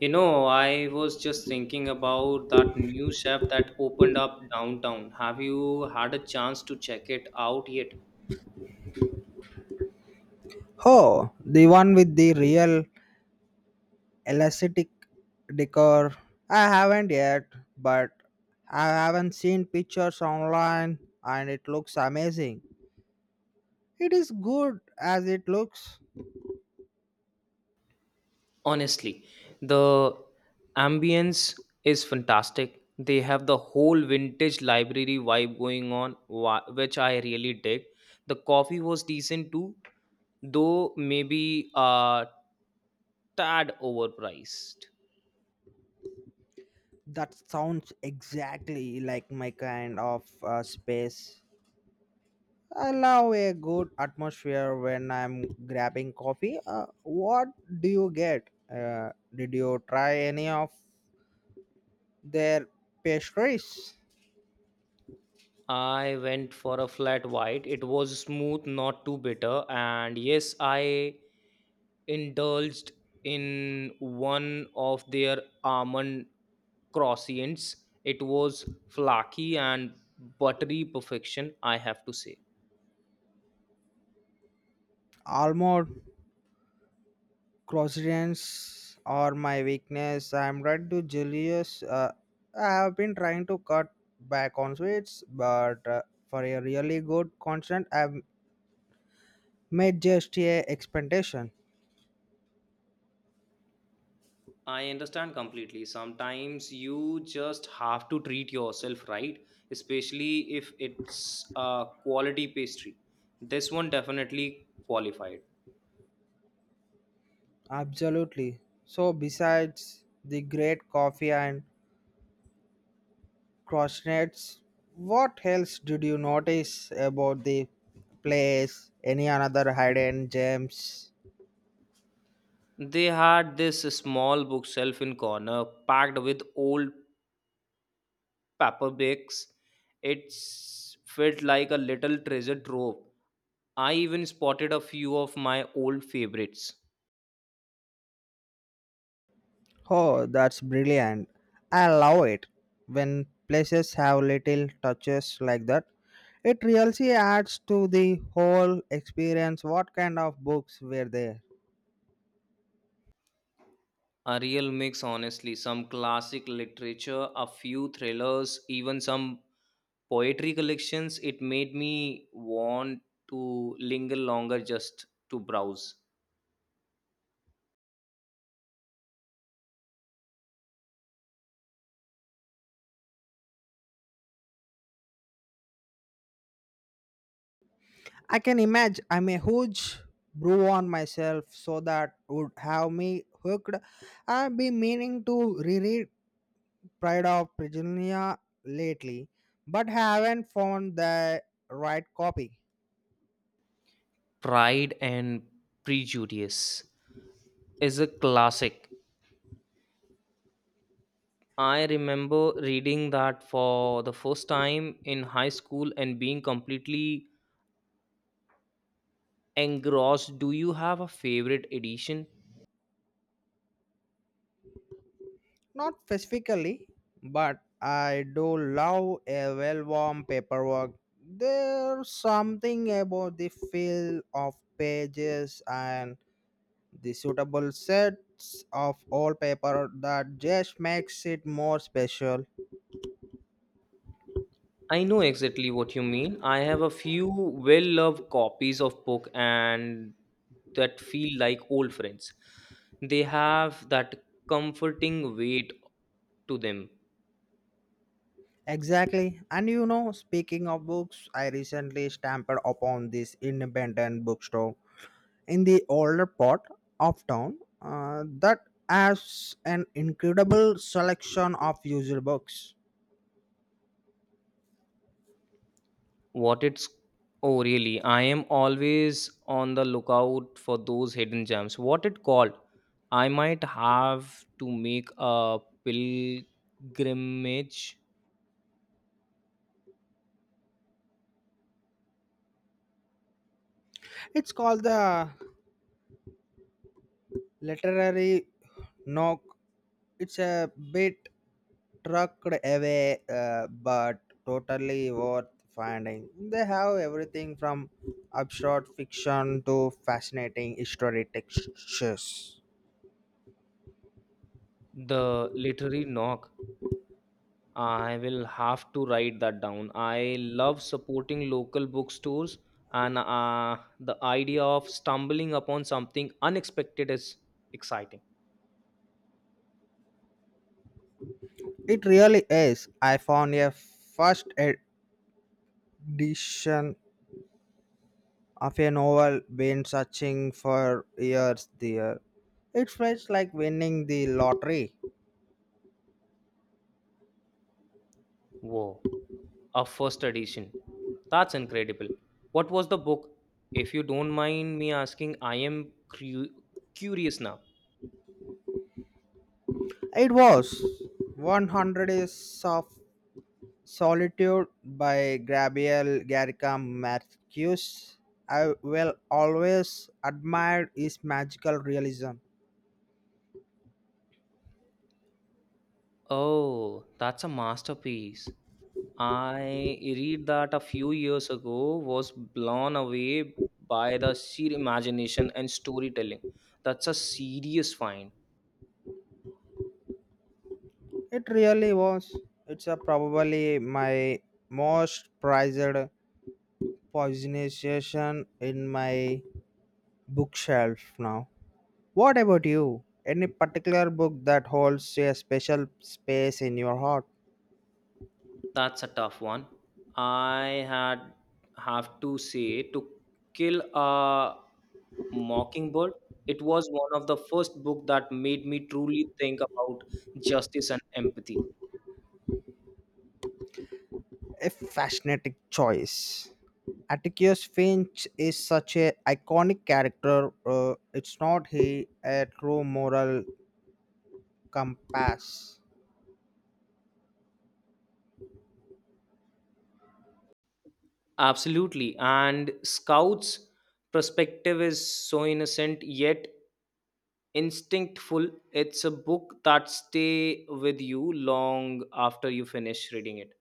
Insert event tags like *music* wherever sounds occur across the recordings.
You know, I was just thinking about that new chef that opened up downtown. Have you had a chance to check it out yet? Oh, the one with the real elastic decor. I haven't yet, but I haven't seen pictures online and it looks amazing. It is good as it looks. Honestly, the ambience is fantastic. They have the whole vintage library vibe going on, which I really dig. The coffee was decent too, though maybe a tad overpriced. That sounds exactly like my kind of space. I love a good atmosphere when I'm grabbing coffee. What do you get? Did you try any of their pastries? I went for a flat white. It was smooth, not too bitter, and yes, I indulged in one of their almond croissants. It was flaky and buttery perfection, I have to say. Almond Crossroads are my weakness. I'm right to Julius. I have been trying to cut back on sweets, but for a really good constant, I've made just a expectation. I understand completely. Sometimes you just have to treat yourself right, especially if it's a quality pastry. This one definitely qualified. Absolutely. So besides the great coffee and crossroads, what else did you notice about the place? Any another hidden gems? They had this small bookshelf in corner packed with old paperbacks. It's felt like a little treasure trove. I even spotted a few of my old favorites. Oh, that's brilliant. I love it when places have little touches like that. It really adds to the whole experience. What kind of books were there? A real mix, honestly. Some classic literature, a few thrillers, even some poetry collections. It made me want to linger longer just to browse. I can imagine I'm a huge brew on myself, so that would have me hooked. I've been meaning to reread Pride of Prisonia lately, but haven't found the right copy. Pride and Prejudice is a classic. I remember reading that for the first time in high school and being completely engross. Do you have a favorite edition? Not specifically, but I do love a well worn paperwork. There's something about the feel of pages and the suitable sets of old paper that just makes it more special. I know exactly what you mean. I have a few well loved copies of book and that feel like old friends. They have that comforting weight to them. Exactly. And you know, speaking of books, I recently stamped upon this independent bookstore in the older part of town that has an incredible selection of usual books. What it's? Oh really, I am always on the lookout for those hidden gems. What it called? I might have to make a pilgrimage. It's called the Literary Nook. It's a bit trucked away, but totally worth finding. They have everything from absurd fiction to fascinating history textures. The literary knock, I will have to write that down. I love supporting local bookstores, and the idea of stumbling upon something unexpected is exciting. It really is. I found a first edition of a novel been searching for years there. It felt like winning the lottery. Whoa, a first edition. That's incredible. What was the book? If you don't mind me asking, I am curious now. It was 100 Days of Solitude by Gabriel Garcia Marquez. I will always admire his magical realism. Oh, that's a masterpiece. I read that a few years ago was blown away by the sheer imagination and storytelling. That's a serious find. It really was. It's a probably my most prized possession in my bookshelf now. What about you? Any particular book that holds a special space in your heart? That's a tough one. I had have to say to kill a mockingbird. It was one of the first book that made me truly think about justice and empathy. A fascinating choice. Atticus Finch is such a iconic character. It's not he a true moral compass. Absolutely. And Scout's perspective is so innocent yet instinctful. It's a book that stay with you long after you finish reading it.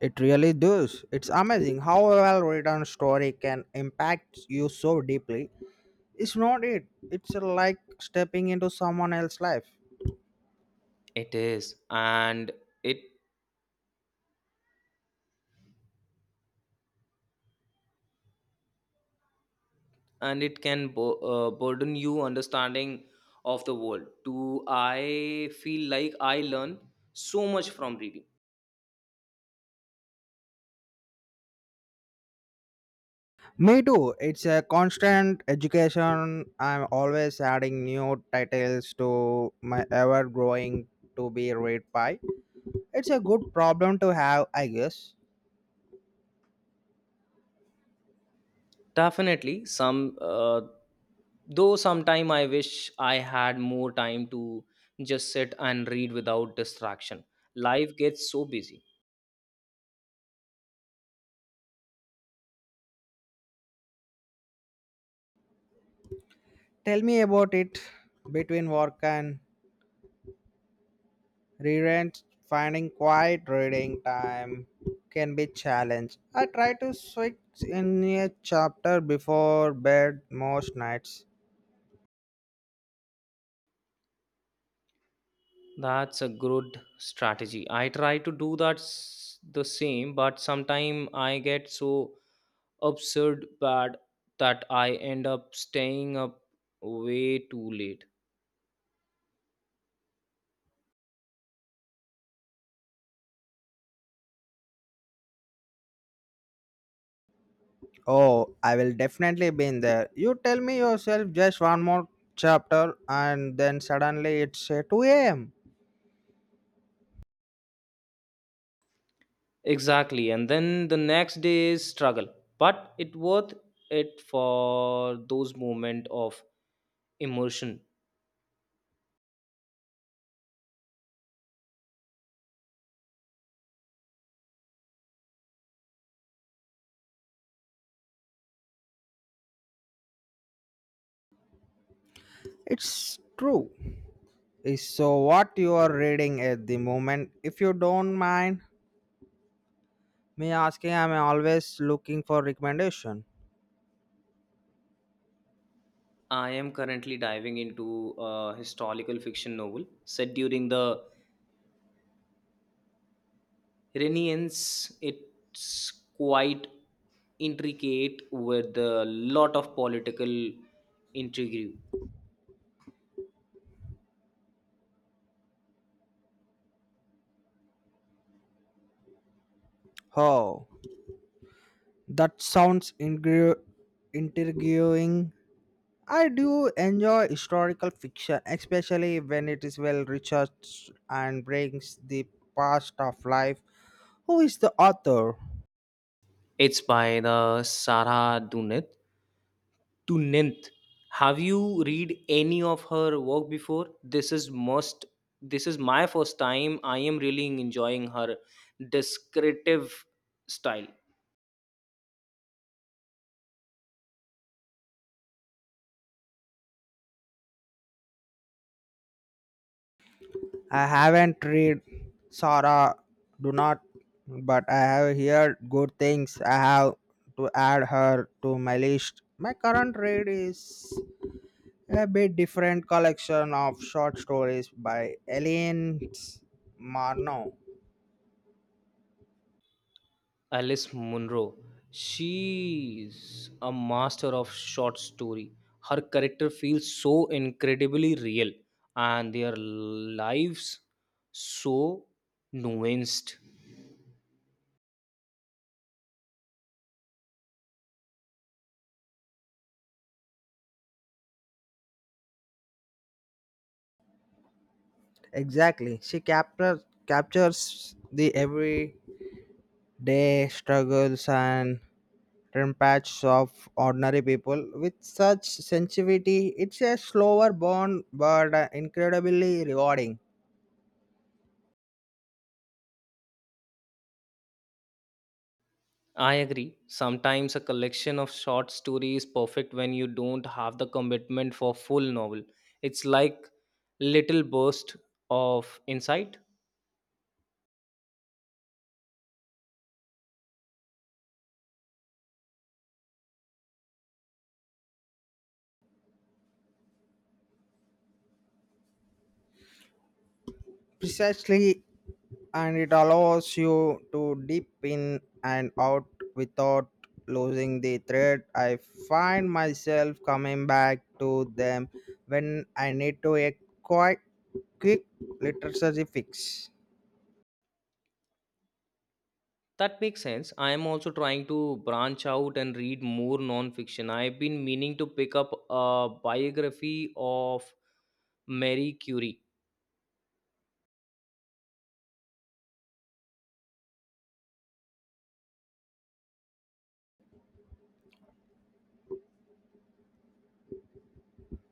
It really does. It's amazing how a well-written story can impact you so deeply. It's not it. It's like stepping into someone else's life. It is, it and it can burden you understanding of the world. Do I feel like I learn so much from reading? Me too. It's a constant education. I'm always adding new titles to my ever growing to be read pie. It's a good problem to have, I guess. Definitely, some though sometime I wish I had more time to just sit and read without distraction. Life gets so busy. Tell me about it between work and rerent. Finding quiet reading time can be challenge. I try to switch in a chapter before bed most nights. That's a good strategy. I try to do that the same, but sometimes I get so absurd bad that I end up staying up way too late. Oh, I will definitely be in there. You tell me yourself just one more chapter and then suddenly it's 2 a.m. Exactly, and then the next day is struggle. But it worth it for those moment of immersion. It's true. Is So what you are reading at the moment, if you don't mind me asking, I'm always looking for recommendation. I am currently diving into a historical fiction novel set during the Renians, it's quite intricate with a lot of political intrigue. Oh, that sounds intriguing. I do enjoy historical fiction, especially when it is well researched and brings the past of life. Who is the author? It's by the Sarah Dunith. Dunith, have you read any of her work before? This is must. This is my first time. I am really enjoying her descriptive style. I haven't read Sarah Do Not, but I have heard good things. I have to add her to my list. My current read is a bit different collection of short stories by Elaine Marno. Alice Munro. She's a master of short story. Her character feels so incredibly real and their lives so nuanced. Exactly. She captures the every their struggles and rampages of ordinary people with such sensitivity. It's a slower burn, but incredibly rewarding. I agree. Sometimes a collection of short stories is perfect when you don't have the commitment for full novel. It's like little burst of insight. Precisely, and it allows you to dip in and out without losing the thread. I find myself coming back to them when I need to a quite quick literacy fix. That makes sense. I am also trying to branch out and read more non-fiction. I've been meaning to pick up a biography of Marie Curie.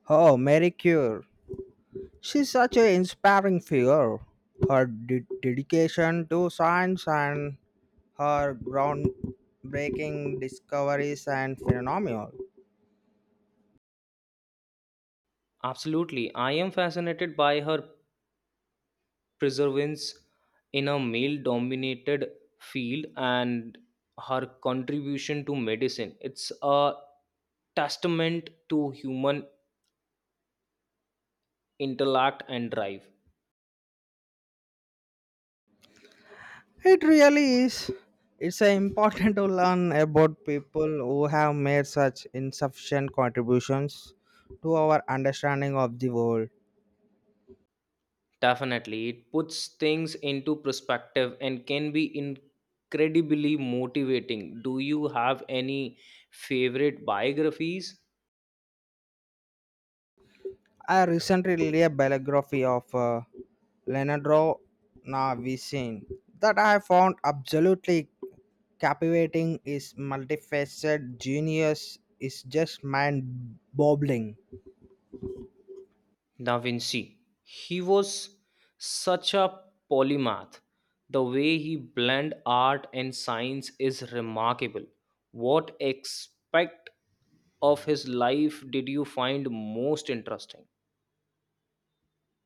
Oh, Mary Cure. She's such an inspiring figure. Her dedication to science and her groundbreaking discoveries and phenomena. Absolutely. I am fascinated by her perseverance in a male-dominated field and her contribution to medicine. It's a testament to human intellect and drive. It really is. It's important *laughs* to learn about people who have made such insufficient contributions to our understanding of the world. Definitely, it puts things into perspective and can be incredibly motivating. Do you have any favorite biographies? I recently read a biography of Leonardo da Vinci that I found absolutely captivating. His multifaceted genius is just mind boggling. Da Vinci. He was such a polymath. The way he blend art and science is remarkable. What aspect of his life did you find most interesting?